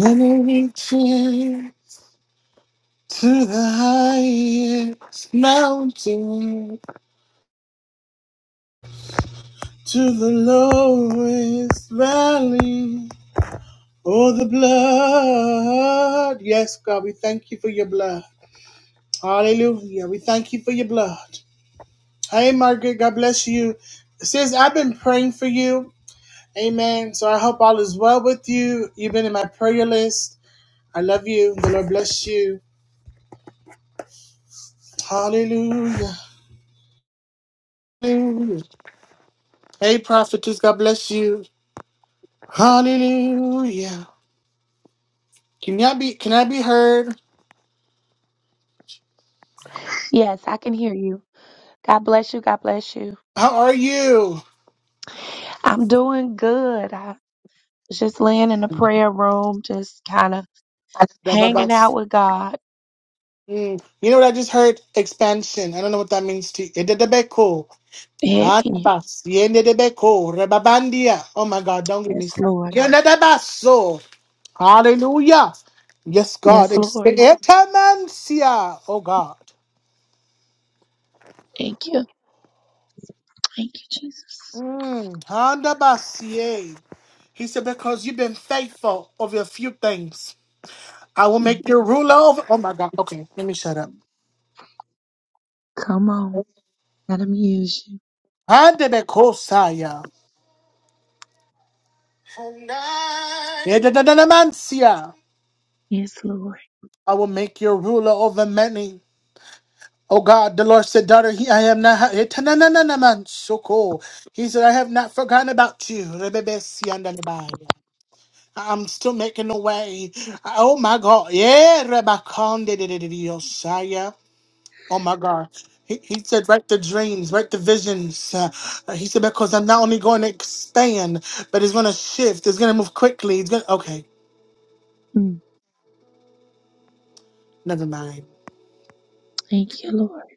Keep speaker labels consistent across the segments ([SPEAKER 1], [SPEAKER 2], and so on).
[SPEAKER 1] Gonna reach in to the highest mountain, to the lowest valley. Oh, the blood. Yes, God, we thank you for your blood. Hallelujah. We thank you for your blood. Hey, Margaret, God bless you. Sis, I've been praying for you. Amen. So I hope all is well with you. You've been in my prayer list. I love you. The Lord bless you. Hallelujah. Hey, prophetess, God bless you. Hallelujah. Can I be? Can I be heard?
[SPEAKER 2] Yes, I can hear you. God bless you. God bless you.
[SPEAKER 1] How are you?
[SPEAKER 2] I'm doing good. I was just laying in the prayer room, just kind of
[SPEAKER 1] Da ba ba.
[SPEAKER 2] hanging out with God.
[SPEAKER 1] Mm. You know what I just heard? Expansion. I don't know what that means to you. Ededebeko.
[SPEAKER 2] Hey,
[SPEAKER 1] Adabas. Yenedebeko. Rebabandia. Oh my God, don't get me
[SPEAKER 2] yes,
[SPEAKER 1] started.
[SPEAKER 2] Lord.
[SPEAKER 1] Yenedebaso. Hallelujah. Yes, God.
[SPEAKER 2] Yes,
[SPEAKER 1] Ex-
[SPEAKER 2] Lord.
[SPEAKER 1] Etamancia. Oh God.
[SPEAKER 2] Thank you. Thank you, Jesus.
[SPEAKER 1] Mm. Handabasie. He said, because you've been faithful over a few things. I will
[SPEAKER 2] Mm,
[SPEAKER 1] make you ruler over. Oh my God. Okay, let me shut up.
[SPEAKER 2] Come on. Let him use you.
[SPEAKER 1] Handebekosaya. Yedadadadamansia.
[SPEAKER 2] Yes, Lord.
[SPEAKER 1] I will make you ruler over many. Oh God, the Lord said, daughter, he, I am not. Yetanananamansuko. He said, I have not forgotten about you. Rebebesiandalebaya. I'm still making a way. Oh my God. Yeah, Rebekondededededosaya. Oh my God. He, he said, write the dreams, write the visions. Uh, uh, he said, because I'm not only going to expand, but it's going to shift. It's going to move quickly. It's going to, okay,
[SPEAKER 2] Mm,
[SPEAKER 1] never mind.
[SPEAKER 2] Thank you, Lord.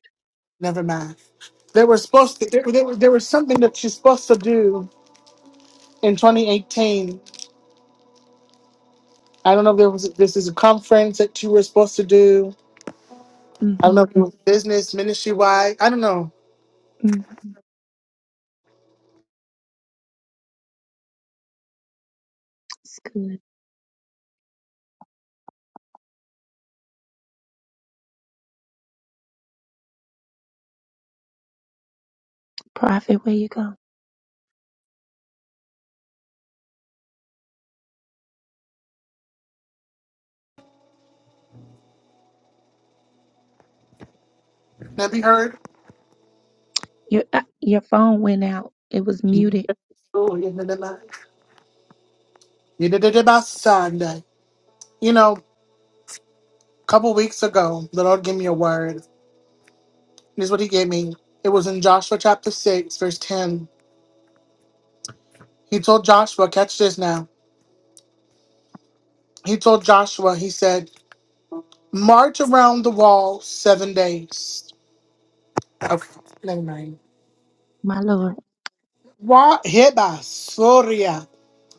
[SPEAKER 1] Never mind. There was supposed to, there, there, was- there was something that you're supposed to do in 2018. I don't know if there was, this is a conference that you were supposed to do. I don't know
[SPEAKER 2] hmm
[SPEAKER 1] if it was business, ministry wide. I don't know.
[SPEAKER 2] hmm It's good. Prophet, where you go?
[SPEAKER 1] Have you heard?
[SPEAKER 2] Your, uh, your phone went out. It was muted.
[SPEAKER 1] Oh, yeah, never mind. You did it about Sunday. You know, a couple weeks ago, the Lord gave me a word. Here's what he gave me. It was in Joshua chapter 6, verse 10. He told Joshua, catch this now. He told Joshua, he said, March around the wall seven days. Okay, never mind.
[SPEAKER 2] My Lord.
[SPEAKER 1] Wa heba soria.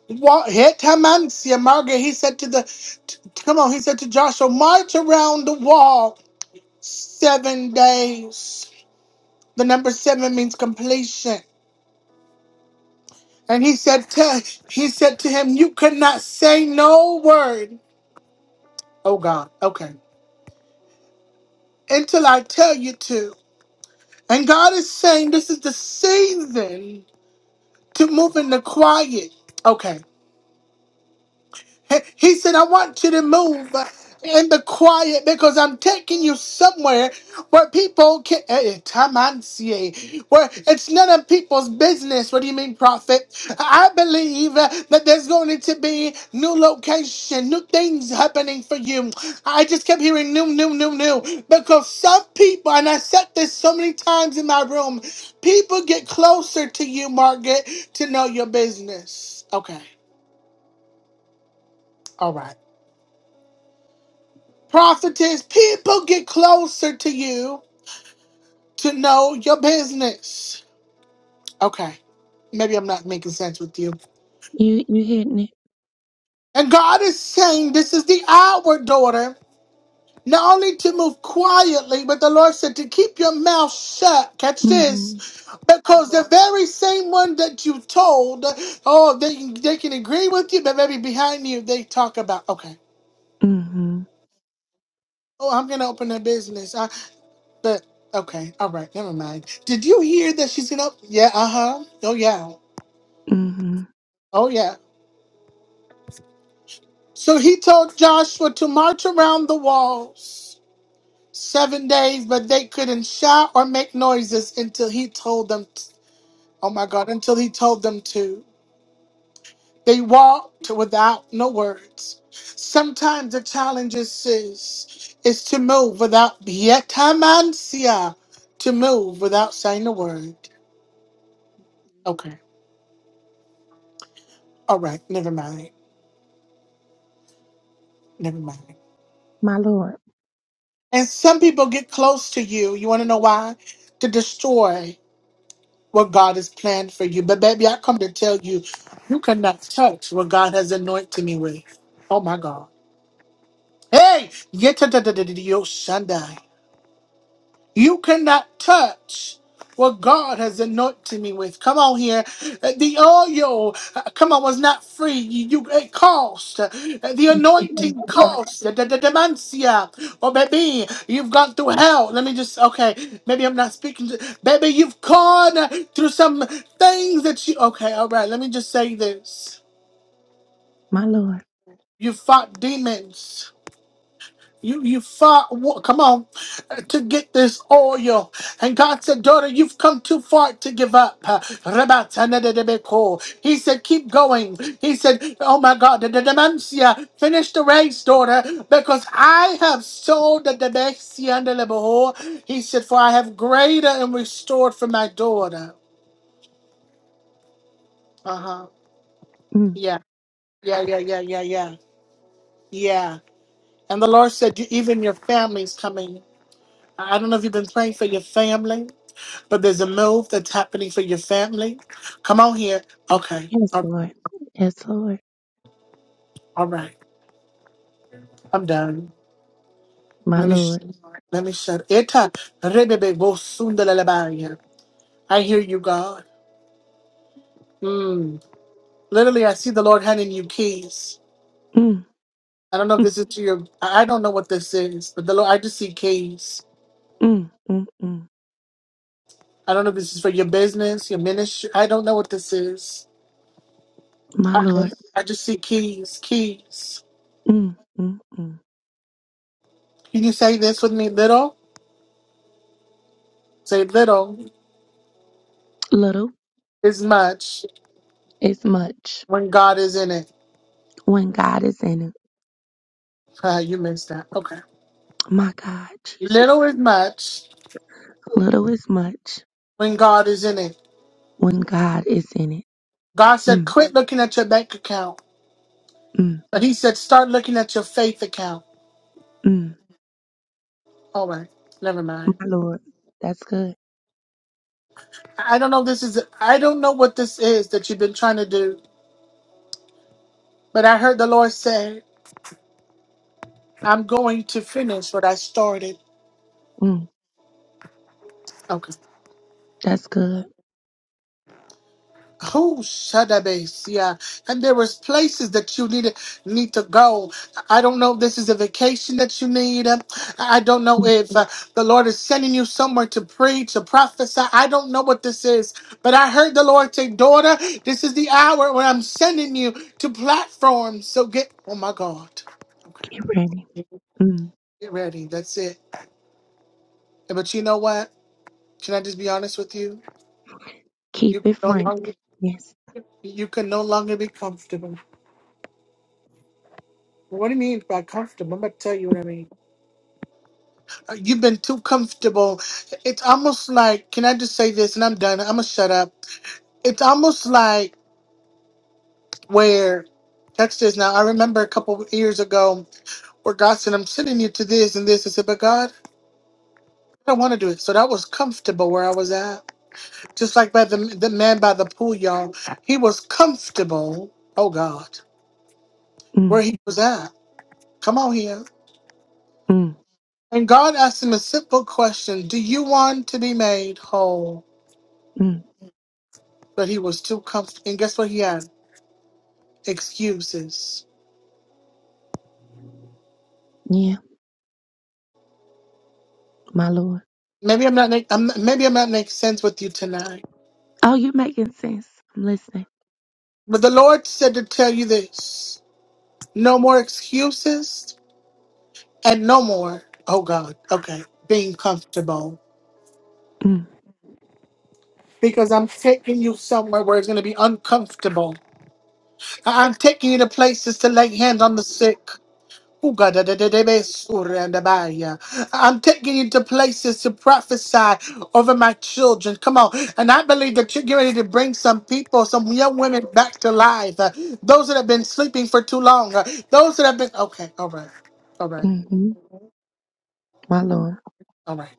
[SPEAKER 1] Wa hetamansia marga. He said to the, t- come on, he said to Joshua, march around the wall seven days. The number seven means completion. And he said to, he said to him, you could not say no word Oh God. Okay. Until I tell you to. And God is saying this is the season to move in the quiet. Okay. He said, I want you to move in the quiet because I'm taking you somewhere where people can. eh, eh, tamansie, Where it's none of people's business. What do you mean, prophet? I believe uh, that there's going to be new location, new things happening for you. I just kept hearing new, new, new, new because some people, and I said this so many times in my room, people get closer to you, Margaret, to know your business. Okay, all right. Prophetess, people get closer to you to know your business. Okay, maybe I'm not making sense with you.
[SPEAKER 2] You, you hitting it.
[SPEAKER 1] And God is saying, This is the hour, daughter, not only to move quietly, but the Lord said to keep your mouth shut. Catch
[SPEAKER 2] hmm
[SPEAKER 1] this. Because the very same one that you told, oh, they, they can agree with you, but maybe behind you, they talk about, okay.
[SPEAKER 2] hmm
[SPEAKER 1] Oh, I'm gonna open a business. But okay, all right, never mind. Did you hear that she's gonna? Yeah, uh huh. Oh yeah,
[SPEAKER 2] hmm
[SPEAKER 1] oh yeah. So he told Joshua to march around the walls seven days, but they couldn't shout or make noises until he told them. t- oh my God! Until he told them to. They walked without no words. Sometimes the challenge is is, is to move without yetamansia, to move without saying a word. Okay, all right, never mind. Never mind.
[SPEAKER 2] My Lord.
[SPEAKER 1] And some people get close to you. You want to know why? To destroy what God has planned for you. But baby, I come to tell you, you cannot touch what God has anointed me with. Oh my God. Hey, yet You cannot touch what God has anointed me with. Come on here. Uh, The oil, uh, come on, was not free. You, you- it cost. Uh, The
[SPEAKER 2] Yes, Lord.
[SPEAKER 1] anointing cost. The, the, the dementia. Oh, baby, you've gone through hell. Let me just, okay, maybe I'm not speaking. To, baby, you've gone through some things that you, okay, all right, let me just say this.
[SPEAKER 2] My Lord.
[SPEAKER 1] You fought demons. You you fought. wa- Come on, to get this oil. And God said, daughter, you've come too far to give up. Rebatanadadebeko. He said, keep going. He said, oh my God, the dementia Finish the race, daughter, because I have sold the demencia under the behold. He said, for I have greater and restored for my daughter. Uh huh.
[SPEAKER 2] Mm.
[SPEAKER 1] Yeah. Yeah. Yeah. Yeah. Yeah. Yeah. Yeah. And the Lord said, you, even your family's coming. I I don't know if you've been praying for your family. but there's a move that's happening for your family. Come on here. Okay.
[SPEAKER 2] Yes,
[SPEAKER 1] All,
[SPEAKER 2] Lord. Yes, Lord.
[SPEAKER 1] all right. I'm done.
[SPEAKER 2] My
[SPEAKER 1] Let me sh-
[SPEAKER 2] Lord.
[SPEAKER 1] let me shut it I hear you, God. Mm. Literally, I see the Lord handing you keys.
[SPEAKER 2] Mm.
[SPEAKER 1] I don't know if
[SPEAKER 2] Mm.
[SPEAKER 1] this is to your. I I don't know what this is, but the Lord. I just see keys.
[SPEAKER 2] Mm. Mm. mm.
[SPEAKER 1] I don't know if this is for your business, your ministry. I don't know what this is.
[SPEAKER 2] My
[SPEAKER 1] I,
[SPEAKER 2] Lord.
[SPEAKER 1] I just see keys, keys.
[SPEAKER 2] Mm. Mm. Mm.
[SPEAKER 1] Can you say this with me? Little, say little
[SPEAKER 2] Little
[SPEAKER 1] is much
[SPEAKER 2] is much
[SPEAKER 1] when God is in it.
[SPEAKER 2] when God is in it.
[SPEAKER 1] you missed that. Okay.
[SPEAKER 2] My God, Jesus.
[SPEAKER 1] Little is much
[SPEAKER 2] Little is much
[SPEAKER 1] when God is in it.
[SPEAKER 2] when God is in it.
[SPEAKER 1] God said,
[SPEAKER 2] Mm.
[SPEAKER 1] quit looking at your bank account.
[SPEAKER 2] Mm.
[SPEAKER 1] But he said, start looking at your faith account.
[SPEAKER 2] Mm.
[SPEAKER 1] All right. Never mind.
[SPEAKER 2] My Lord. That's good.
[SPEAKER 1] I I don't know this is I don't know what this is that you've been trying to do, but I heard the Lord say, I'm going to finish what I started.
[SPEAKER 2] Mm.
[SPEAKER 1] Okay.
[SPEAKER 2] That's good.
[SPEAKER 1] Oh, Shadabesia. And there is places that you need need to go. I don't know if this is a vacation that you need. Um, I don't know
[SPEAKER 2] Mm.
[SPEAKER 1] if uh, the Lord is sending you somewhere to preach, to prophesy. I don't know what this is. But I heard the Lord say, daughter, this is the hour when I'm sending you to platforms. So get, oh my God.
[SPEAKER 2] Get
[SPEAKER 1] Okay.
[SPEAKER 2] ready. Mm.
[SPEAKER 1] Get ready. That's it. But you know what? Can I just be honest with you?
[SPEAKER 2] Keep
[SPEAKER 1] You
[SPEAKER 2] it
[SPEAKER 1] can no
[SPEAKER 2] frank.
[SPEAKER 1] longer,
[SPEAKER 2] Yes.
[SPEAKER 1] you can no longer be comfortable. What do you mean by comfortable? I'm about to tell you what I mean. Uh, You've been too comfortable. It's almost like, can I just say this and I'm done? I'm going to shut up. It's almost like where, catch this now. I remember a couple of years ago where God said, I'm sending you to this and this. I said, but God, I don't want to do it. So that was comfortable where I was at. Just like by the, the man by the pool, y'all. He was comfortable, oh God, where
[SPEAKER 2] Mm.
[SPEAKER 1] he was at. Come on here.
[SPEAKER 2] Mm.
[SPEAKER 1] And God asked him a simple question Do you want to be made whole?
[SPEAKER 2] Mm.
[SPEAKER 1] but he was too comfortable. And guess what? He had excuses.
[SPEAKER 2] Yeah, my Lord.
[SPEAKER 1] Maybe I'm not. Make, I'm, maybe I'm not making sense with you tonight.
[SPEAKER 2] Oh, you're making sense. I'm listening.
[SPEAKER 1] But the Lord said to tell you this: no more excuses, and no more. Oh God. Okay. Being comfortable.
[SPEAKER 2] Mm,
[SPEAKER 1] Because I'm taking you somewhere where it's going to be uncomfortable. I- I'm taking you to places to lay hands on the sick. I'm taking you to places to prophesy over my children. Come on. And I believe that you're getting ready to bring some people, some young women back to life. Uh, Those that have been sleeping for too long. Uh, Those that have been. Okay. All right. All right.
[SPEAKER 2] hmm My Lord.
[SPEAKER 1] All right.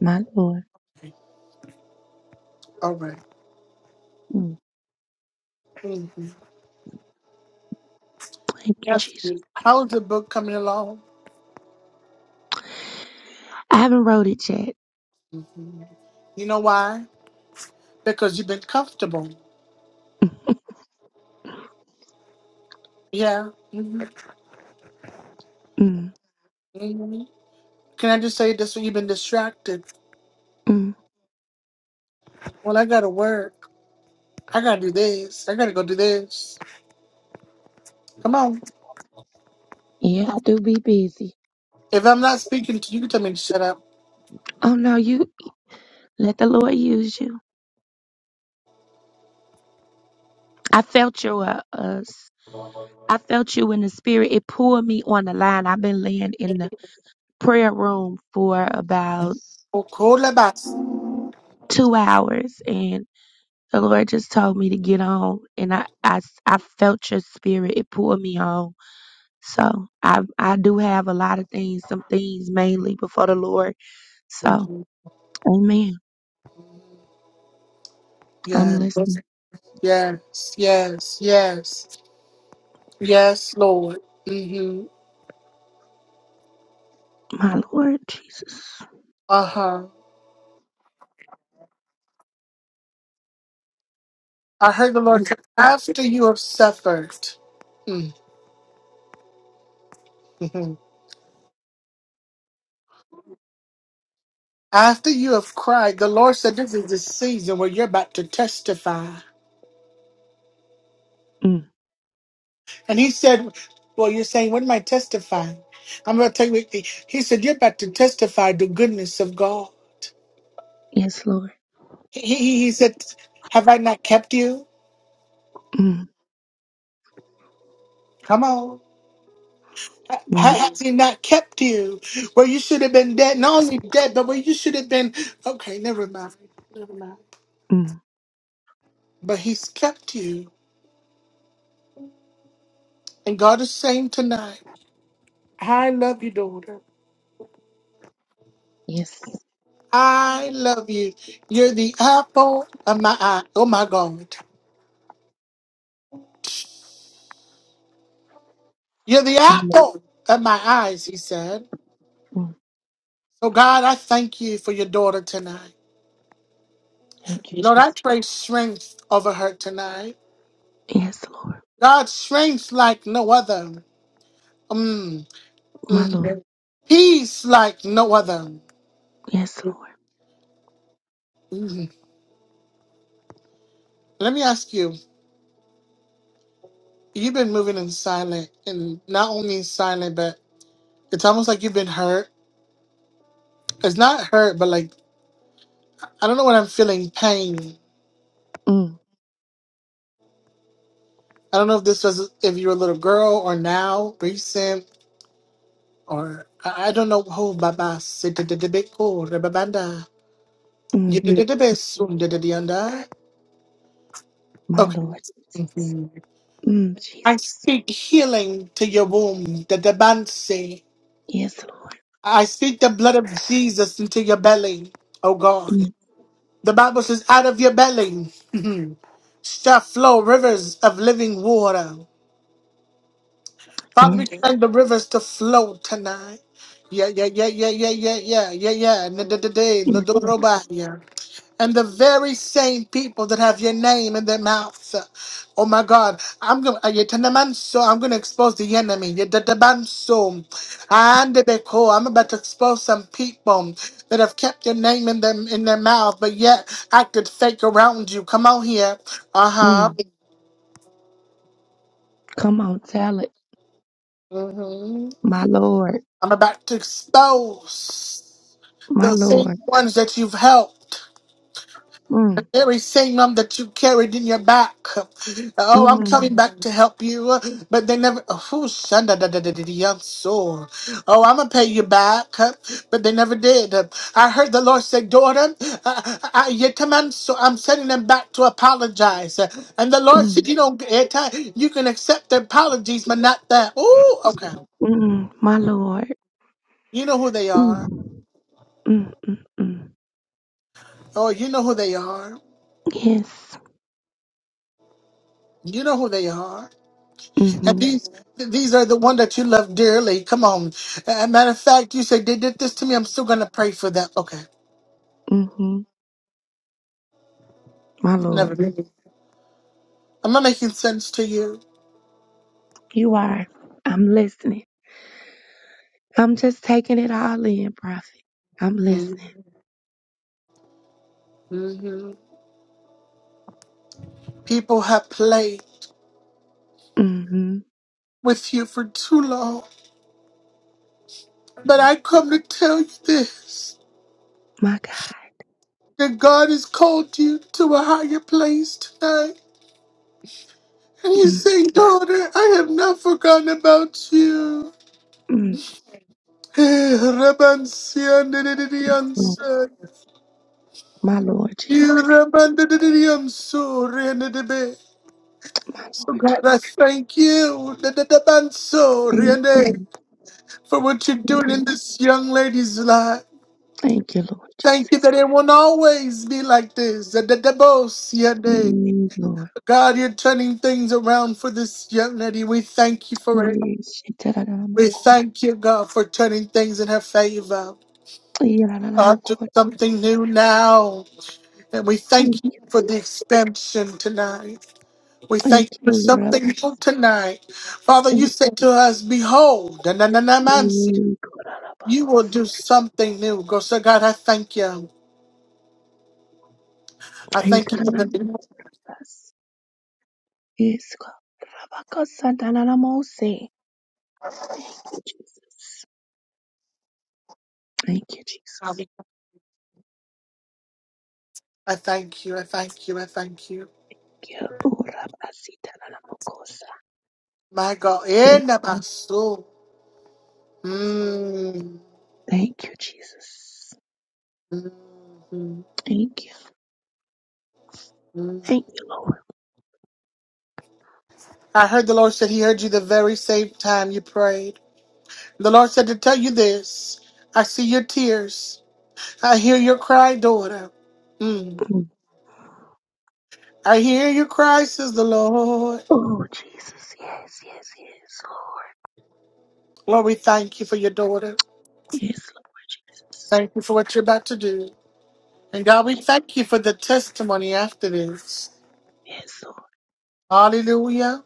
[SPEAKER 2] My Lord.
[SPEAKER 1] All right.
[SPEAKER 2] Mm,
[SPEAKER 1] Mhm.
[SPEAKER 2] thank you,
[SPEAKER 1] Yes.
[SPEAKER 2] Jesus.
[SPEAKER 1] How's the book coming along?
[SPEAKER 2] I haven't wrote it yet.
[SPEAKER 1] Mhm. You know why? Because you've been comfortable. Yeah. Mhm.
[SPEAKER 2] Mm,
[SPEAKER 1] Mhm. Can I just say this? You've been distracted.
[SPEAKER 2] mm.
[SPEAKER 1] Well, I got a word. I gotta do this. I gotta go do this. Come on.
[SPEAKER 2] Yeah, I do be busy.
[SPEAKER 1] If I'm not speaking to you, you tell me to shut up.
[SPEAKER 2] Oh, no, you let the Lord use you. I felt your, uh, uh, s- I felt you in the spirit. It pulled me on the line. I've been laying in the prayer room for about
[SPEAKER 1] Oh, cool box.
[SPEAKER 2] two hours and the Lord just told me to get on and I, I, s- I felt your spirit. It pulled me on So I I do have a lot of things, some things mainly before the Lord. So
[SPEAKER 1] hmm
[SPEAKER 2] Amen. I'm
[SPEAKER 1] Yes,
[SPEAKER 2] listening,
[SPEAKER 1] yes, yes, yes, yes, Lord. Mm-hmm.
[SPEAKER 2] my Lord Jesus.
[SPEAKER 1] Uh huh. I heard the Lord say, after you have suffered, hmm after you have cried, the Lord said, This is the season where you're about to testify.
[SPEAKER 2] Mm.
[SPEAKER 1] And He said, Well, you're saying, What am I testifying? I'm going to tell you. He said, You're about to testify the goodness of God.
[SPEAKER 2] Yes, Lord.
[SPEAKER 1] He, he he said, Have I not kept you?
[SPEAKER 2] Mm.
[SPEAKER 1] Come on.
[SPEAKER 2] Yeah.
[SPEAKER 1] Ha- Has he not kept you where you should have been dead? Not only dead, but where you should have been. Okay, never mind. Never mind.
[SPEAKER 2] Mm.
[SPEAKER 1] But he's kept you. And God is saying tonight, I love you, daughter.
[SPEAKER 2] Yes,
[SPEAKER 1] I love you. You're the apple of my eye. Oh, my God. You're the
[SPEAKER 2] my Lord.
[SPEAKER 1] apple of my eyes, he said.
[SPEAKER 2] Mm.
[SPEAKER 1] So, God, I thank you for your daughter tonight.
[SPEAKER 2] Thank you,
[SPEAKER 1] Lord, I
[SPEAKER 2] Jesus.
[SPEAKER 1] pray strength over her tonight.
[SPEAKER 2] Yes, Lord.
[SPEAKER 1] God strength like no other. Mm,
[SPEAKER 2] My
[SPEAKER 1] mm.
[SPEAKER 2] Lord.
[SPEAKER 1] Peace like no other.
[SPEAKER 2] Yes, Lord.
[SPEAKER 1] Mm. Let me ask you. You've been moving in silent, and not only in silent, but it's almost like you've been hurt. It's not hurt, but like I don't know what I'm feeling. Pain.
[SPEAKER 2] Mm.
[SPEAKER 1] I don't know if this was if you were a little girl or now, recent, or I, I don't know. Oh, Baba, sit the big rebabanda. You
[SPEAKER 2] Mm.
[SPEAKER 1] did the best,
[SPEAKER 2] Yes,
[SPEAKER 1] soon did the under.
[SPEAKER 2] my
[SPEAKER 1] Okay.
[SPEAKER 2] Lord Jesus. Mm,
[SPEAKER 1] I
[SPEAKER 2] Jesus.
[SPEAKER 1] speak healing to your womb, the debansi.
[SPEAKER 2] Yes, Lord.
[SPEAKER 1] I speak the blood of Jesus into your belly, oh God.
[SPEAKER 2] Mm.
[SPEAKER 1] The Bible says, out of your belly shall flow rivers of living water. Father, we
[SPEAKER 2] Yes.
[SPEAKER 1] command the rivers to flow tonight. Yeah, yeah, yeah, yeah, yeah, yeah, yeah,
[SPEAKER 2] Yes.
[SPEAKER 1] yeah, yeah. and the very same people that have your name in their mouth. Oh my God, I'm gonna uh, yetanamanso, I'm gonna expose the enemy. Yetatabanso, andebeko, I'm about to expose some people that have kept your name in them in their mouth, but yet acted fake around you. Come on here, uh huh.
[SPEAKER 2] Mm. Come on, tell it,
[SPEAKER 1] hmm
[SPEAKER 2] my Lord.
[SPEAKER 1] I'm about to expose
[SPEAKER 2] My
[SPEAKER 1] those same
[SPEAKER 2] Lord.
[SPEAKER 1] ones that you've helped.
[SPEAKER 2] Mm.
[SPEAKER 1] Every single that you carried in your back. Oh, I'm coming
[SPEAKER 2] Mm.
[SPEAKER 1] back to help you. But they never. Oh, shunda da da da da da, young soul. Oh, I'm going to pay you back. But they never did. I heard the Lord say, Daughter, I, I, yet a man, so I'm sending them back to apologize. And the Lord
[SPEAKER 2] Mm.
[SPEAKER 1] said, You don't get it. uh, You can accept their apologies, but not that. Oh, okay.
[SPEAKER 2] Mm, my Lord.
[SPEAKER 1] You know who they are.
[SPEAKER 2] Mm, mm, mm, mm.
[SPEAKER 1] Oh, you know who they are.
[SPEAKER 2] Yes.
[SPEAKER 1] You know who they are. And
[SPEAKER 2] Mm-hmm,
[SPEAKER 1] these these are the one that you love dearly. Come on. Uh, matter of fact, you say they did this to me. I'm still gonna pray for them. Okay,
[SPEAKER 2] mm-hmm. My
[SPEAKER 1] never.
[SPEAKER 2] Lord.
[SPEAKER 1] mind. Am I making sense to you?
[SPEAKER 2] You are. I'm listening. I'm just taking it all in, Prophet. I'm
[SPEAKER 1] Mm.
[SPEAKER 2] listening.
[SPEAKER 1] People have played
[SPEAKER 2] Mm-hmm.
[SPEAKER 1] with you for too long, but I come to tell you this:
[SPEAKER 2] My God.
[SPEAKER 1] that God has called you to a higher place tonight. And he's
[SPEAKER 2] Mm,
[SPEAKER 1] saying, daughter, I have not forgotten about you.
[SPEAKER 2] mm, mm. My Lord Jesus.
[SPEAKER 1] I'm sorry, Nidebe.
[SPEAKER 2] My
[SPEAKER 1] So
[SPEAKER 2] Lord
[SPEAKER 1] God,
[SPEAKER 2] Jesus.
[SPEAKER 1] I thank you, dadadaban, so
[SPEAKER 2] Thank
[SPEAKER 1] Nidebe,
[SPEAKER 2] you.
[SPEAKER 1] for what you're doing in this young lady's life.
[SPEAKER 2] Thank you, Lord
[SPEAKER 1] Thank you
[SPEAKER 2] Jesus.
[SPEAKER 1] that it won't always be like this. Nidebe.
[SPEAKER 2] Mm, Lord.
[SPEAKER 1] God, you're turning things around for this young lady. We thank you for it.
[SPEAKER 2] Yes.
[SPEAKER 1] We thank you, God, for turning things in her favor. God, do something new now. And we
[SPEAKER 2] Thank
[SPEAKER 1] thank you
[SPEAKER 2] you.
[SPEAKER 1] for the expansion tonight. We
[SPEAKER 2] Thank
[SPEAKER 1] thank you for
[SPEAKER 2] you.
[SPEAKER 1] something
[SPEAKER 2] Lord.
[SPEAKER 1] new tonight. Father, you said to us, Behold, na- na- na- na- man, you will
[SPEAKER 2] Ikorarabakos.
[SPEAKER 1] do something new. Go, so God, I thank you. I thank you for the new.
[SPEAKER 2] Ikorarabakos. Iskorabakosandalanamose. Thank you, Jesus. Thank you, Jesus.
[SPEAKER 1] I thank you. I thank you. I thank you.
[SPEAKER 2] Kiorabasitanamokosa.
[SPEAKER 1] My God. Eh, na- my soul. Mm.
[SPEAKER 2] Thank you, Jesus.
[SPEAKER 1] Mm, mm,
[SPEAKER 2] Thank you.
[SPEAKER 1] mm.
[SPEAKER 2] Thank you, Lord.
[SPEAKER 1] I heard the Lord said He heard you the very same time you prayed. The Lord said to tell you this I see your tears. I hear your cry, daughter. Mm.
[SPEAKER 2] Mm.
[SPEAKER 1] I hear your cry, says the Lord.
[SPEAKER 2] Oh, Jesus. Yes, yes, yes, Lord.
[SPEAKER 1] Lord, we thank you for your daughter.
[SPEAKER 2] Yes, Lord Jesus.
[SPEAKER 1] Thank you for what you're about to do. And
[SPEAKER 2] Thank
[SPEAKER 1] God, we
[SPEAKER 2] you.
[SPEAKER 1] thank you for the testimony after this.
[SPEAKER 2] Yes, Lord.
[SPEAKER 1] Hallelujah.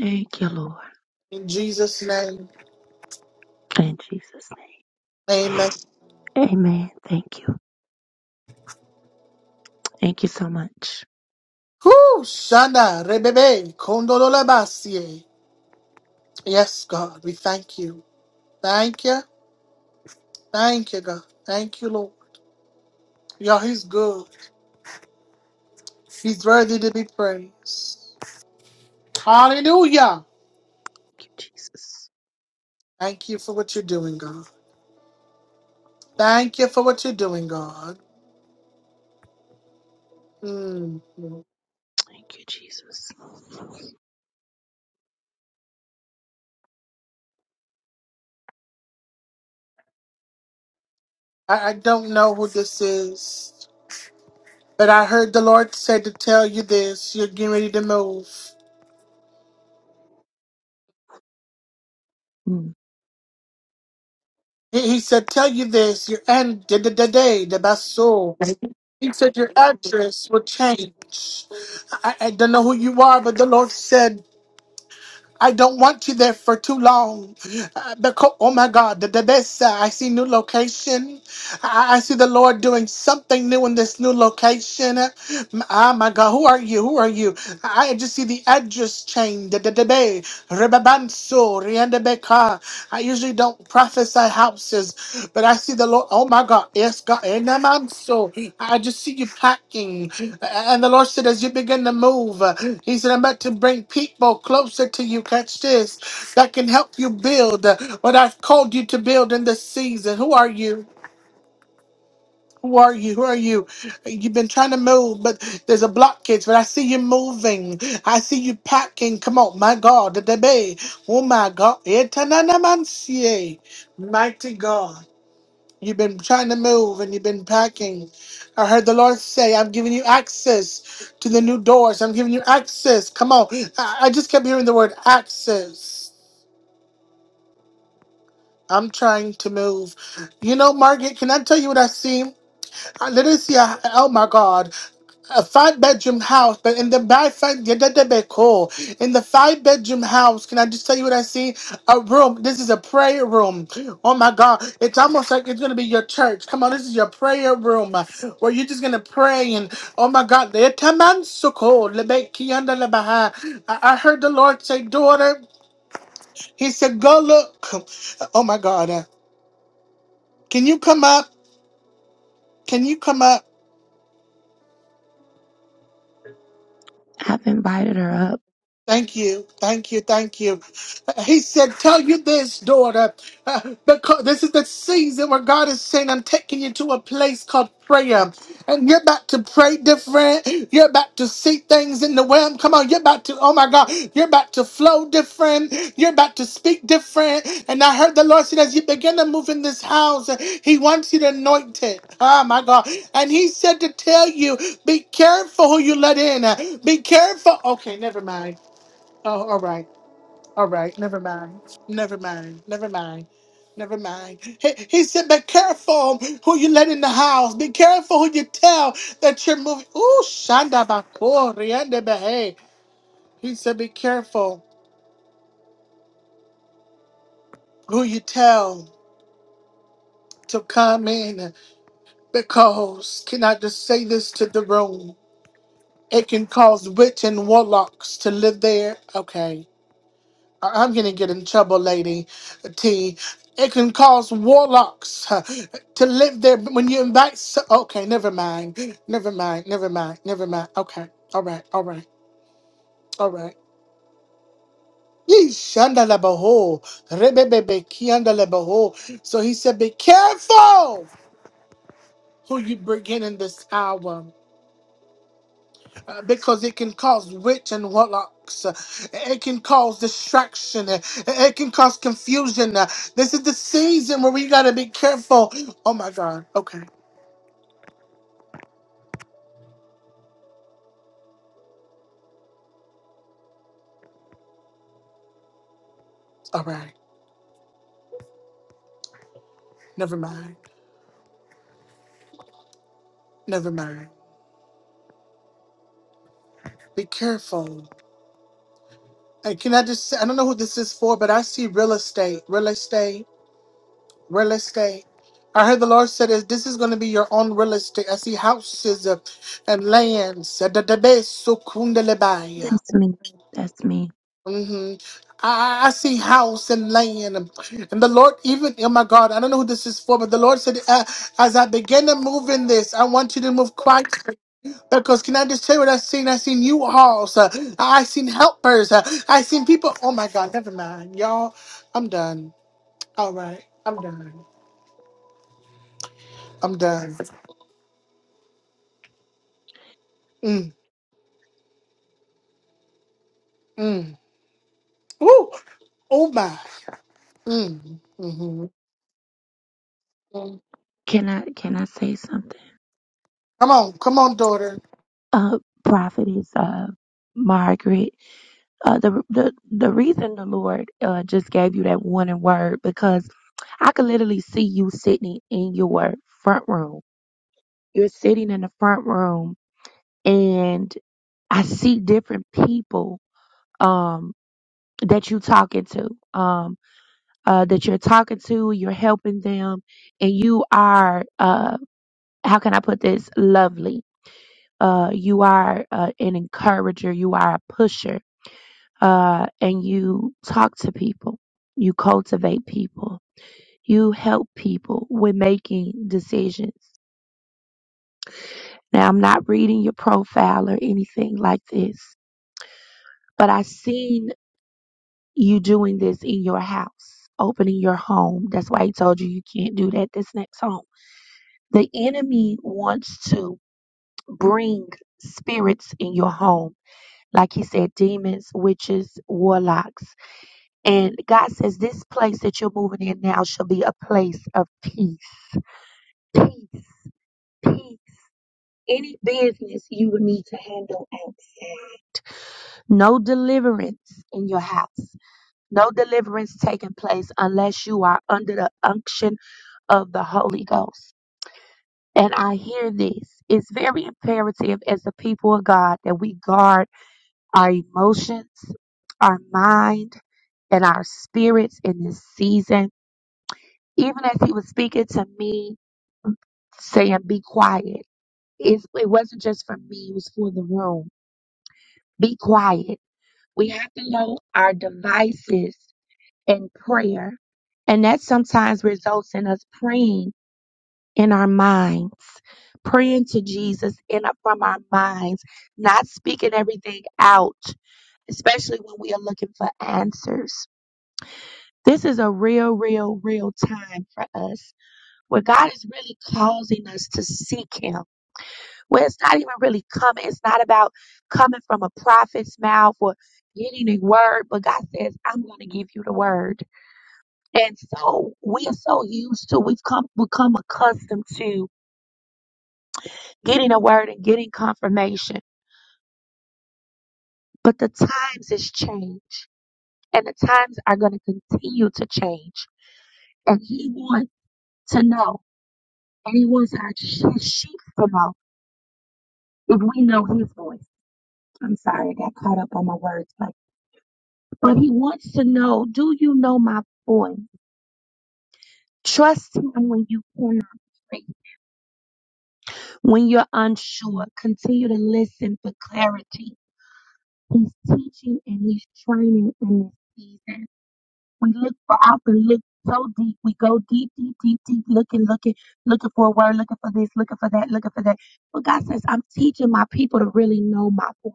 [SPEAKER 2] Thank you, Lord.
[SPEAKER 1] In Jesus' name.
[SPEAKER 2] In Jesus' name.
[SPEAKER 1] Amen.
[SPEAKER 2] Amen. Thank you. Thank you so much.
[SPEAKER 1] Whoo, Shanda, Rebebe, Kondolobasie. Yes, God, we thank you. Thank you. Thank you, God. Thank you, Lord. Y'all, he's good. He's worthy to be praised. Hallelujah.
[SPEAKER 2] Thank you, Jesus.
[SPEAKER 1] Thank you for what you're doing, God. Thank you for what you're doing, God. Mm.
[SPEAKER 2] Thank you, Jesus.
[SPEAKER 1] I, I don't know who this is, but I heard the Lord said to tell you this. You're getting ready to move.
[SPEAKER 2] Mm.
[SPEAKER 1] He, he said, tell you this. Your end, the the- the day, the basso. He said your address will change. I, I don't know who you are, but the Lord said. I don't want you there for too long. Uh, because, oh my God, the, the best, uh, I see new location. I, I see the Lord doing something new in this new location. Ah, my God, who are you? Who are you? I just see the address change. Da- da- da- be. Rebabanso, riandebeka. I usually don't prophesy houses, but I see the Lord. Oh my God, yes, God. enamanso. I just see you packing. And the Lord said, as you begin to move, He said, I'm about to bring people closer to you. Catch this that can help you build what I've called you to build in this season. Who are you? Who are you? Who are you? You've been trying to move, but there's a blockage. But I see you moving. I see you packing. Come on, my God, the baby. Oh my God, Etananamansie. mighty God. You've been trying to move and you've been packing. I heard the Lord say, "I'm giving you access to the new doors. I'm giving you access." Come on, I, I just kept hearing the word access. I'm trying to move. You know, Margaret, can I tell you what I see? I literally see, a, oh my God. a five bedroom house, but in the by five, yeah, that, that be cool. In the five bedroom house, can I just tell you what I see? A room. This is a prayer room. Oh my God, it's almost like it's gonna be your church. Come on, this is your prayer room uh, where you're just gonna pray and oh my God, the taman suko lebe kiyanda lebaha. I I heard the Lord say, daughter. He said, go look. Oh my God, uh, can you come up? Can you come up?
[SPEAKER 2] I've invited her up.
[SPEAKER 1] Thank you, thank you, thank you. He said, Tell you this, daughter, uh, because this is the season where God is saying, I'm taking you to a place called prayer. And you're about to pray different. You're about to see things in the realm. Come on, you're about to, oh my God, you're about to flow different. You're about to speak different. And I heard the Lord said, As you begin to move in this house, He wants you to anoint it. Oh my God. And He said to tell you, Be careful who you let in. Be careful. Okay, never mind. Oh, all right. All right. Never mind. Never mind. Never mind. Never mind. He, he said, be careful who you let in the house. Be careful who you tell that you're moving. Ooh, Shanda Bako, Rianda Behe. He said, be careful who you tell to come in because, can I just say this to the room? It can cause witch and warlocks to live there. Okay. I'm gonna get in trouble, lady T. It can cause warlocks huh, to live there But when you invite. So- okay, never mind, never mind, never mind, never mind. Okay, all right, all right, all right. Yeesh, andala baho, rebebebe, kiandala baho. So he said, Be careful who you bring in in this hour. uh, because it can cause witch and warlocks. Uh, It can cause distraction. Uh, It can cause confusion. Uh, This is the season where we gotta be careful. Oh my God. Okay. All right. Never mind. Never mind. Be careful. And can I just say, I don't know who this is for, but I see real estate, real estate, real estate. I heard the Lord said is this is going to be your own real estate. I see houses uh, and lands. Uh, da- da- be- so kundalebaya.
[SPEAKER 2] That's me. That's me.
[SPEAKER 1] hmm I, I see house and land, and, and the Lord even oh my God, I don't know who this is for, but the Lord said, uh, as I begin to move in this, I want you to move quietly because can I just tell you what I've seen? I've seen you halls, uh, I've seen helpers, uh, I've seen people. Oh my God, never mind, y'all. I'm done. All right, I'm done. I'm done. Mm, mm. Woo! Oh my. Mm, hmm Come
[SPEAKER 2] Can I can I say something?
[SPEAKER 1] on, come on, daughter.
[SPEAKER 2] Uh prophetess uh Margaret. Uh the the the reason the Lord uh just gave you that warning word because I could literally see you sitting in your front room. You're sitting in the front room and I see different people um that you talking to. Um uh, that you're talking to, you're helping them, and you are, uh, how can I put this, lovely. Uh, you are uh, an encourager, you are a pusher, uh, and you talk to people, you cultivate people, you help people with making decisions. Now, I'm not reading your profile or anything like this, but i seen you doing this in your house, opening your home. That's why he told you you can't do that this next home The enemy wants to bring spirits in your home. Like he said, demons, witches, warlocks. And God says this place that you're moving in now shall be a place of peace. Peace. Peace. Any business you would need to handle outside. No deliverance in your house. No deliverance taking place unless you are under the unction of the Holy Ghost. And I hear this. It's very imperative as the people of God that we guard our emotions, our mind, and our spirits in this season. Even as he was speaking to me, saying, Be quiet. It's, it wasn't just for me, it was for the room. Be quiet. We have to know our devices in prayer. And that sometimes results in us praying in our minds, praying to Jesus in from our minds, not speaking everything out, especially when we are looking for answers. This is a real, real, real time for us where God is really causing us to seek Him. Where it's not even really coming, it's not about coming from a prophet's mouth or getting a word, but God says, I'm going to give you the word. And so we are so used to, we've come, become accustomed to getting a word and getting confirmation. But the times has changed and the times are going to continue to change. And he wants to know and he wants our sh- his sheep to know if we know his voice. I'm sorry, I got caught up on my words, but, but he wants to know, do you know my voice? Trust him when you cannot pray, when you're unsure. Continue to listen for clarity. He's teaching and he's training in this season. We look for out and look so deep. We go deep, deep, deep, deep, looking, looking, looking for a word, looking for this, looking for that, looking for that. But God says, I'm teaching my people to really know my voice.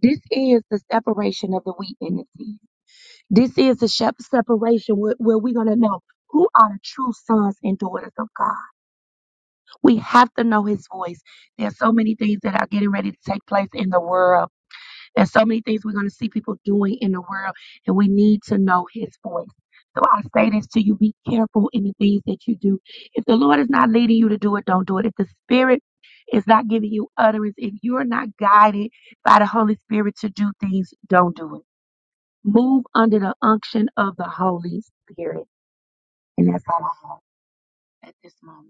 [SPEAKER 2] This is the separation of the wheat and the seed. This is the shep- separation where, where we're going to know who are the true sons and daughters of God. We have to know his voice. There's so many things that are getting ready to take place in the world there's so many things we're going to see people doing in the world, and we need to know His voice. So I say this to you be careful in the things that you do. If the Lord is not leading you to do it, don't do it. If the Spirit is not giving you utterance, if you're not guided by the Holy Spirit to do things, don't do it. Move under the unction of the Holy Spirit. And that's all I have at this moment.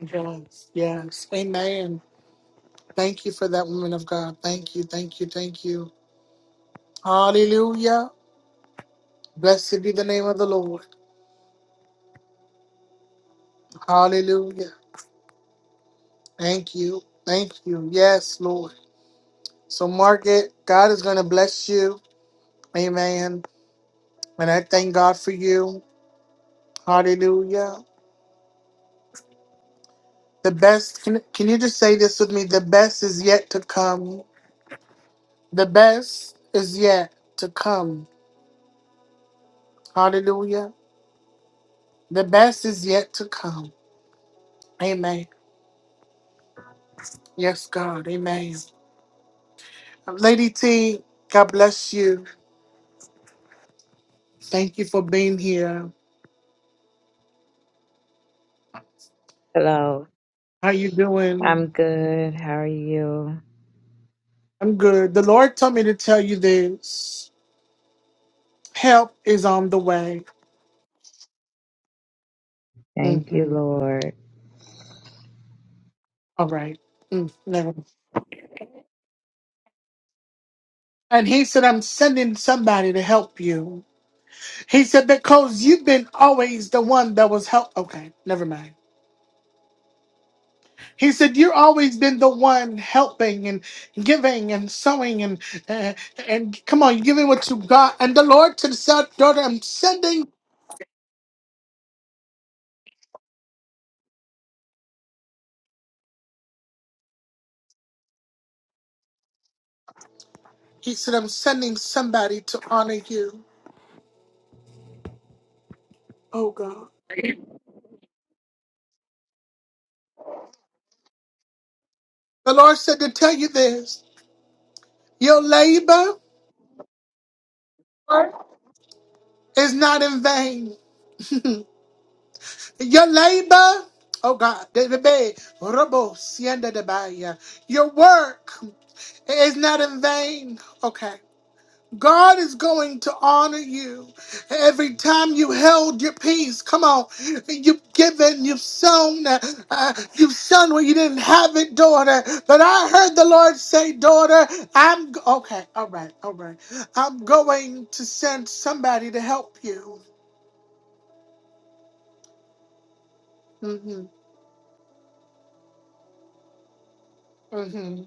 [SPEAKER 1] Yes, yes, amen. Thank you for that woman of God. Thank you, thank you, thank you. Hallelujah. Blessed be the name of the Lord. Hallelujah. Thank you. Thank you. Yes, Lord. So, Margaret, God is going to bless you. Amen. And I thank God for you. Hallelujah. The best, can, can you just say this with me? The best is yet to come. The best is yet to come. Hallelujah. The best is yet to come. Amen. Yes, God. Amen. Lady T, God bless you. Thank you for being here.
[SPEAKER 3] Hello.
[SPEAKER 1] How you doing?
[SPEAKER 3] I'm good. How are you?
[SPEAKER 1] I'm good. The Lord told me to tell you this. Help is on the way.
[SPEAKER 3] Thank you,
[SPEAKER 1] hmm
[SPEAKER 3] Lord.
[SPEAKER 1] All right. Mm, never And he said, I'm sending somebody to help you. He said, because you've been always the one that was help. Okay, never mind. He said, you've always been the one helping and giving and sowing and uh, and come on, giving what you got. And the Lord said, daughter, I'm sending He said, I'm sending somebody to honor you. Oh God. The Lord said to tell you this your labor is not in vain. your labor, oh God, de- de- be- robo, sienda de baya. your work is not in vain. Okay. God is going to honor you every time you held your peace. Come on, you've given, you've sown, uh, you've sown when you didn't have it, daughter. But I heard the Lord say, daughter, I'm g- okay. All right, all right. I'm going to send somebody to help you. hmm hmm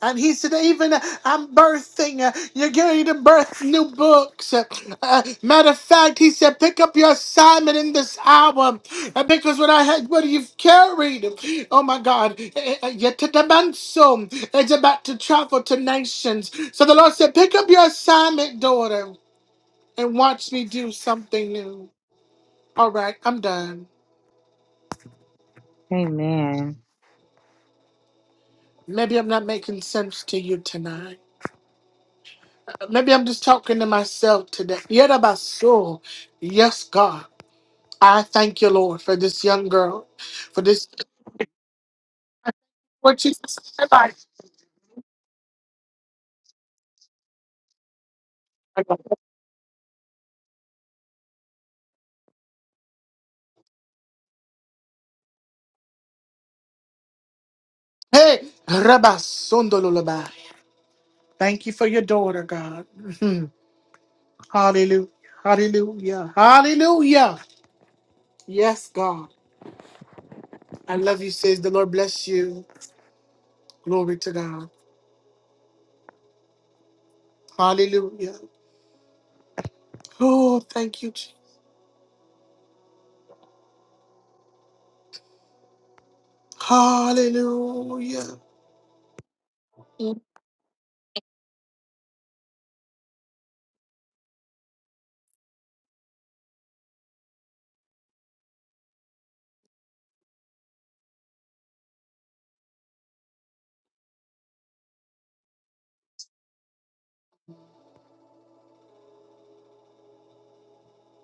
[SPEAKER 1] And he said, even uh, I'm birthing, uh, you're going to birth new books. Uh, uh, matter of fact, he said, pick up your assignment in this hour. Uh, because what I had, what you've carried, oh my God, eh, eh, eh, yet to the man so it's about to travel to nations. So the Lord said, pick up your assignment, daughter, and watch me do something new. All right, I'm done.
[SPEAKER 3] Amen.
[SPEAKER 1] Maybe I'm not making sense to you tonight. Maybe I'm just talking to myself today. Yet about soul. Yes, God. I thank you, Lord, for this young girl, for this. What you Hey, Rabba Sondololobai. Thank you for your daughter, God. Mhm. Hallelujah. Hallelujah. Hallelujah. Yes, God. I love you, says the Lord. Bless you. Glory to God. Hallelujah. Oh, thank you. Jesus. Hallelujah.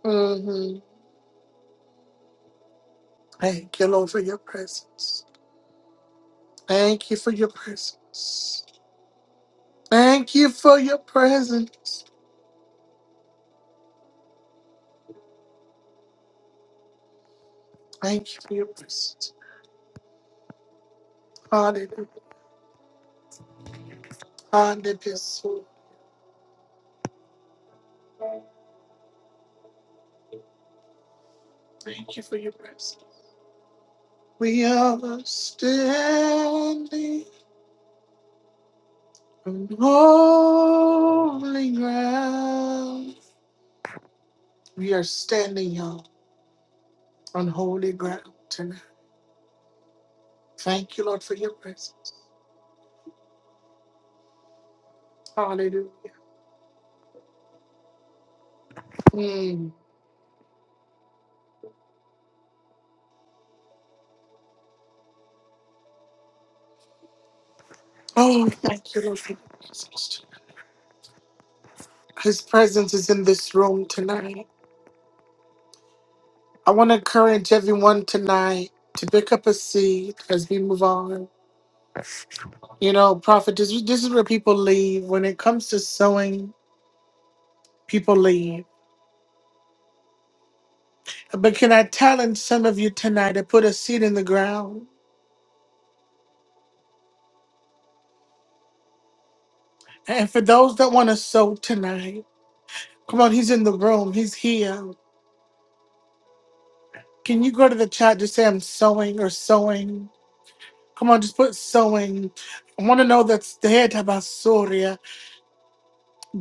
[SPEAKER 1] hmm Thank you, Lord, for your presence. Thank you for your presence. Thank you for your presence. Thank you for your presence. Hallelujah. Hallelujah. Thank you for your presence. We are standing on holy ground. We are standing y'all, on holy ground tonight. Thank you, Lord, for your presence. Hallelujah. Mm. Oh, thank you, Lord, for your presence. His presence is in this room tonight. I want to encourage everyone tonight to pick up a seed as we move on. You know, Prophet, this, is- this is where people leave. When it comes to sowing, people leave. But can I challenge some of you tonight to put a seed in the ground? And for those that want to sow tonight, come on, he's in the room, he's here. Can you go to the chat to say, I'm sowing or sowing? Come on, just put sowing. I want to know that's the head about Soria.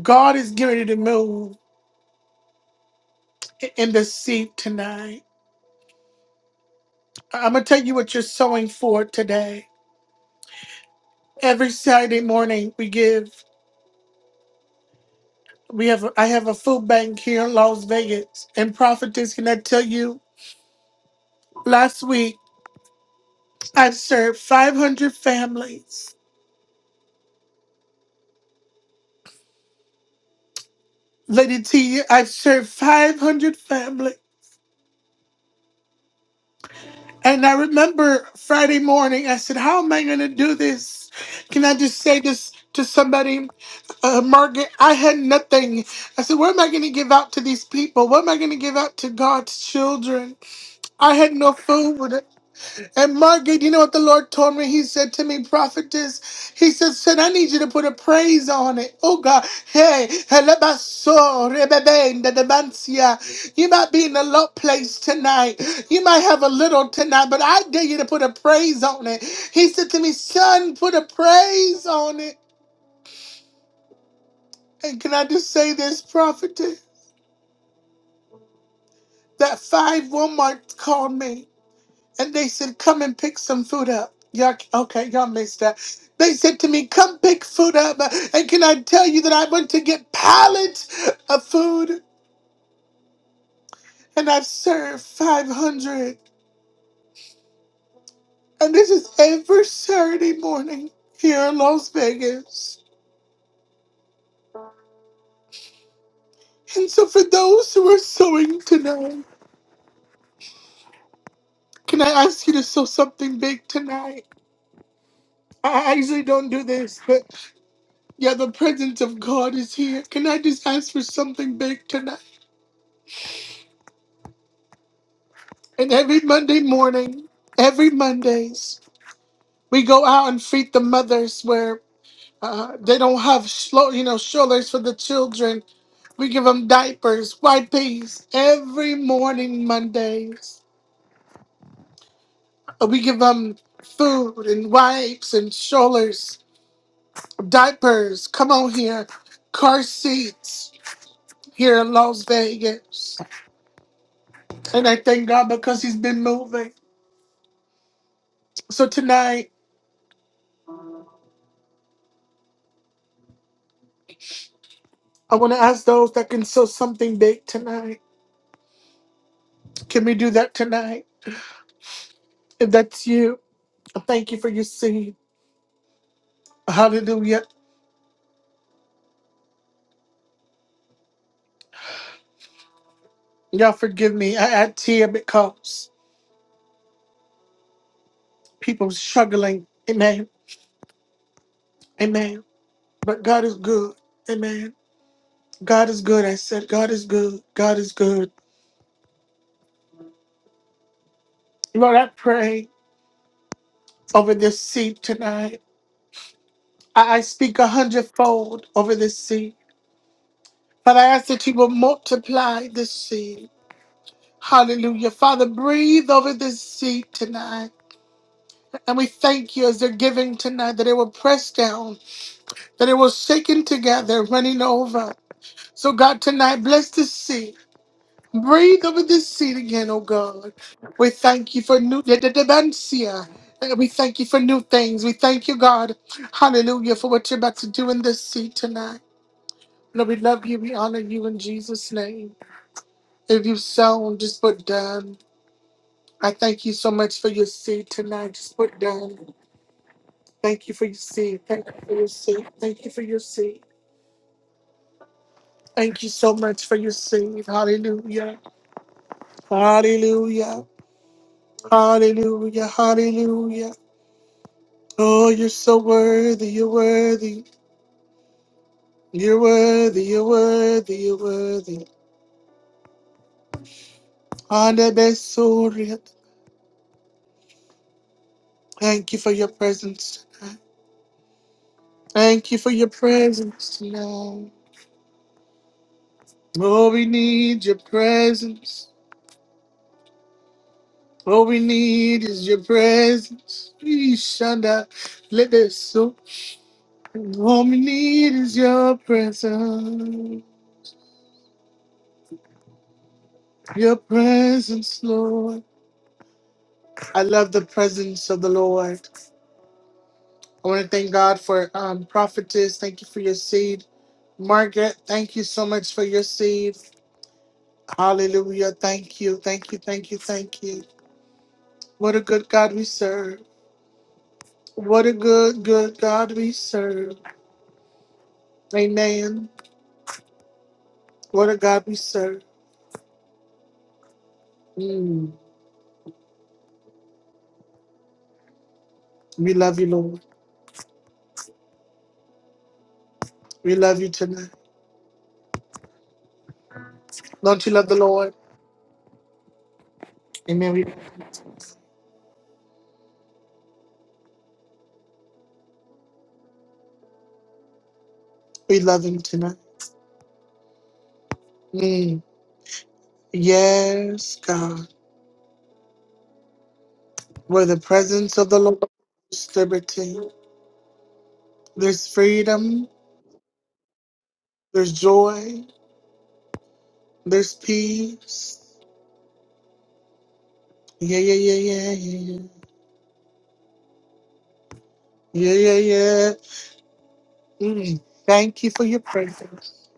[SPEAKER 1] God is getting ready to move in the seed tonight. I'm gonna tell you what you're sowing for today. Every Saturday morning we give we have I have a food bank here in Las Vegas and prophetess can I tell you last week I've served 500 families. Lady T, I've served 500 families. And I remember Friday morning, I said, How am I going to do this? Can I just say this to somebody? Uh, Margaret, I had nothing. I said, What am I going to give out to these people? What am I going to give out to God's children? I had no food. And Margaret, you know what the Lord told me? He said to me, prophetess, he said, son, I need you to put a praise on it. Oh God, hey, helebaso, rebebe, ndedebansia. you might be in a low place tonight. You might have a little tonight, but I dare you to put a praise on it. He said to me, son, put a praise on it. And can I just say this, prophetess? That 5 Walmart called me. and they said, "Come and pick some food up." Y'all, okay, y'all missed that. They said to me, "Come pick food up," uh, and can I tell you that I went to get pallets of food, and I've served five hundred, and this is every Saturday morning here in Las Vegas. And so, for those who are sewing tonight, can I ask you to sew something big tonight? I I usually don't do this, but yeah, the presence of God is here. Can I just ask for something big tonight? And every Monday morning, every Mondays, we go out and feed the mothers where uh, they don't have, shlo- you know, strollers for the children. We give them diapers, wipes. Every morning, Mondays, Uh, we give them food and wipes and strollers, diapers. Come on here, car seats here in Las Vegas. And I thank God because He's been moving. So tonight, I want to ask those that can sow something big tonight. Can we do that tonight? If that's you, thank you for your seed. Hallelujah. Y'all forgive me. I, I tear because people struggling. Amen. Amen. But God is good. Amen. God is good. I said, God is good. God is good. Lord, I pray over this seed tonight. I, I speak a hundredfold over this seed. Father, I ask that you will multiply this seed. Hallelujah. Father, breathe over this seed tonight. And we thank you as they're giving tonight that it will press down, that it will shaken together, running over. So, God, tonight, bless this seed. Breathe over this seed again, oh God. We thank you for new dementia. We thank you for new things. We thank you, God. Hallelujah, for what you're about to do in this seed tonight. Lord, we love you. We honor you in Jesus' name. If you've sown, just put done. I thank you so much for your seed tonight. Just put done. Thank you for your seed. Thank you for your seed. Thank you for your seed. Thank you so much for your seed. Hallelujah. Hallelujah. Hallelujah. Hallelujah. Oh, you're so worthy. You're worthy. You're worthy. You're worthy. You're worthy. Hallelujah. Thank you for your presence tonight. Thank you for your presence tonight. Oh, we need your presence. What we need is your presence. Please shine Let this soak. All we need is your presence. Your presence, Lord. I love the presence of the Lord. I want to thank God for um, prophetess. Thank you for your seed. Margaret, thank you so much for your seed. Hallelujah. Thank you. Thank you. Thank you. Thank you. What a good God we serve. What a good, good God we serve. Amen. What a God we serve. Mm. We love you, Lord. We love you tonight. Don't you love the Lord? Amen. We, we love him tonight. Mm. Yes, God. Where the presence of the Lord is liberty. There's freedom. There's joy. There's peace. Yeah, yeah, yeah, yeah, yeah. Yeah, yeah, yeah. yeah. Mm. Thank you for your presence.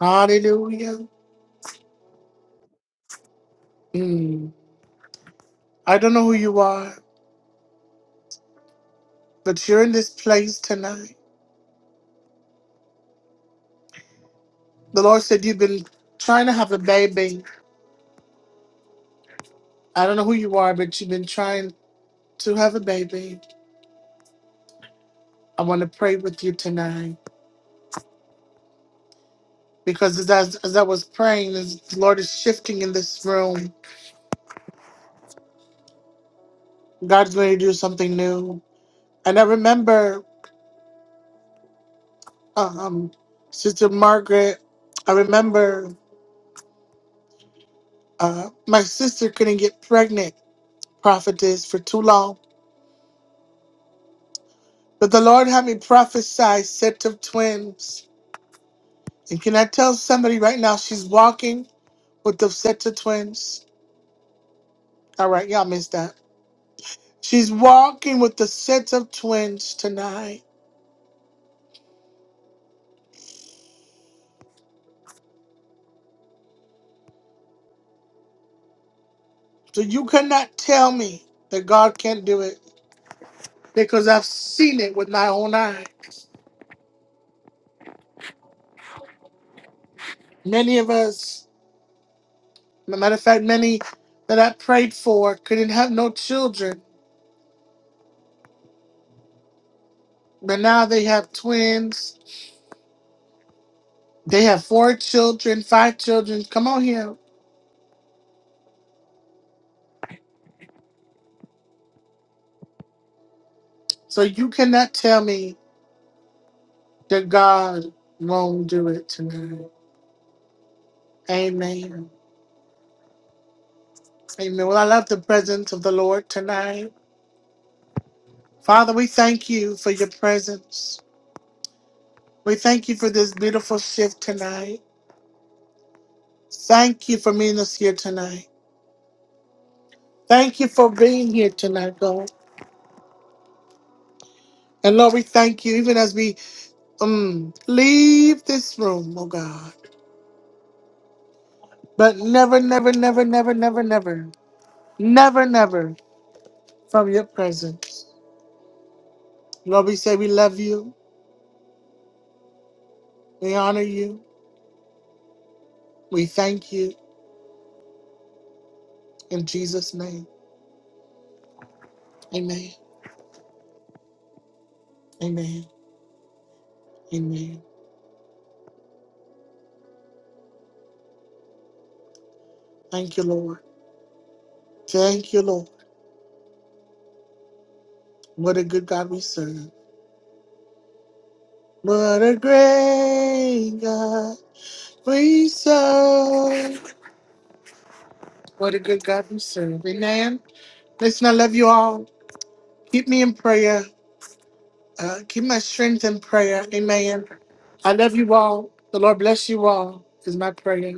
[SPEAKER 1] Hallelujah. Mm. I don't know who you are, but you're in this place tonight. The Lord said you've been trying to have a baby I don't know who you are, but you've been trying to have a baby. I want to pray with you tonight because as I, as I was praying, as the Lord is shifting in this room. God's going to do something new. And I remember um, Sister Margaret. I remember uh, my sister couldn't get pregnant, prophetess, for too long. But the Lord had me prophesy set of twins. And can I tell somebody right now she's walking with the set of twins? All right, y'all missed that. She's walking with the sets of twins tonight. So you cannot tell me that God can't do it because I've seen it with my own eye. Many of us, as a matter of fact, many that I prayed for couldn't have no children, but now they have twins. They have four children, five children. Come on here. So you cannot tell me that God won't do it tonight. Amen. Amen. Well, I love the presence of the Lord tonight. Father, we thank you for your presence. We thank you for this beautiful shift tonight. Thank you for meeting us here tonight. Thank you for being here tonight, God. And Lord, we thank you even as we um, leave this room, oh God. But never, never, never, never, never, never, never, never from your presence. Lord, we say we love you. We honor you. We thank you. In Jesus' name, amen. Amen. Amen. Thank you, Lord. Thank you, Lord. What a good God we serve. What a great God we serve. What a good God we serve. Amen. Listen, I love you all. Keep me in prayer. Uh, keep my strength in prayer. Amen. I love you all. The Lord bless you all, is my prayer.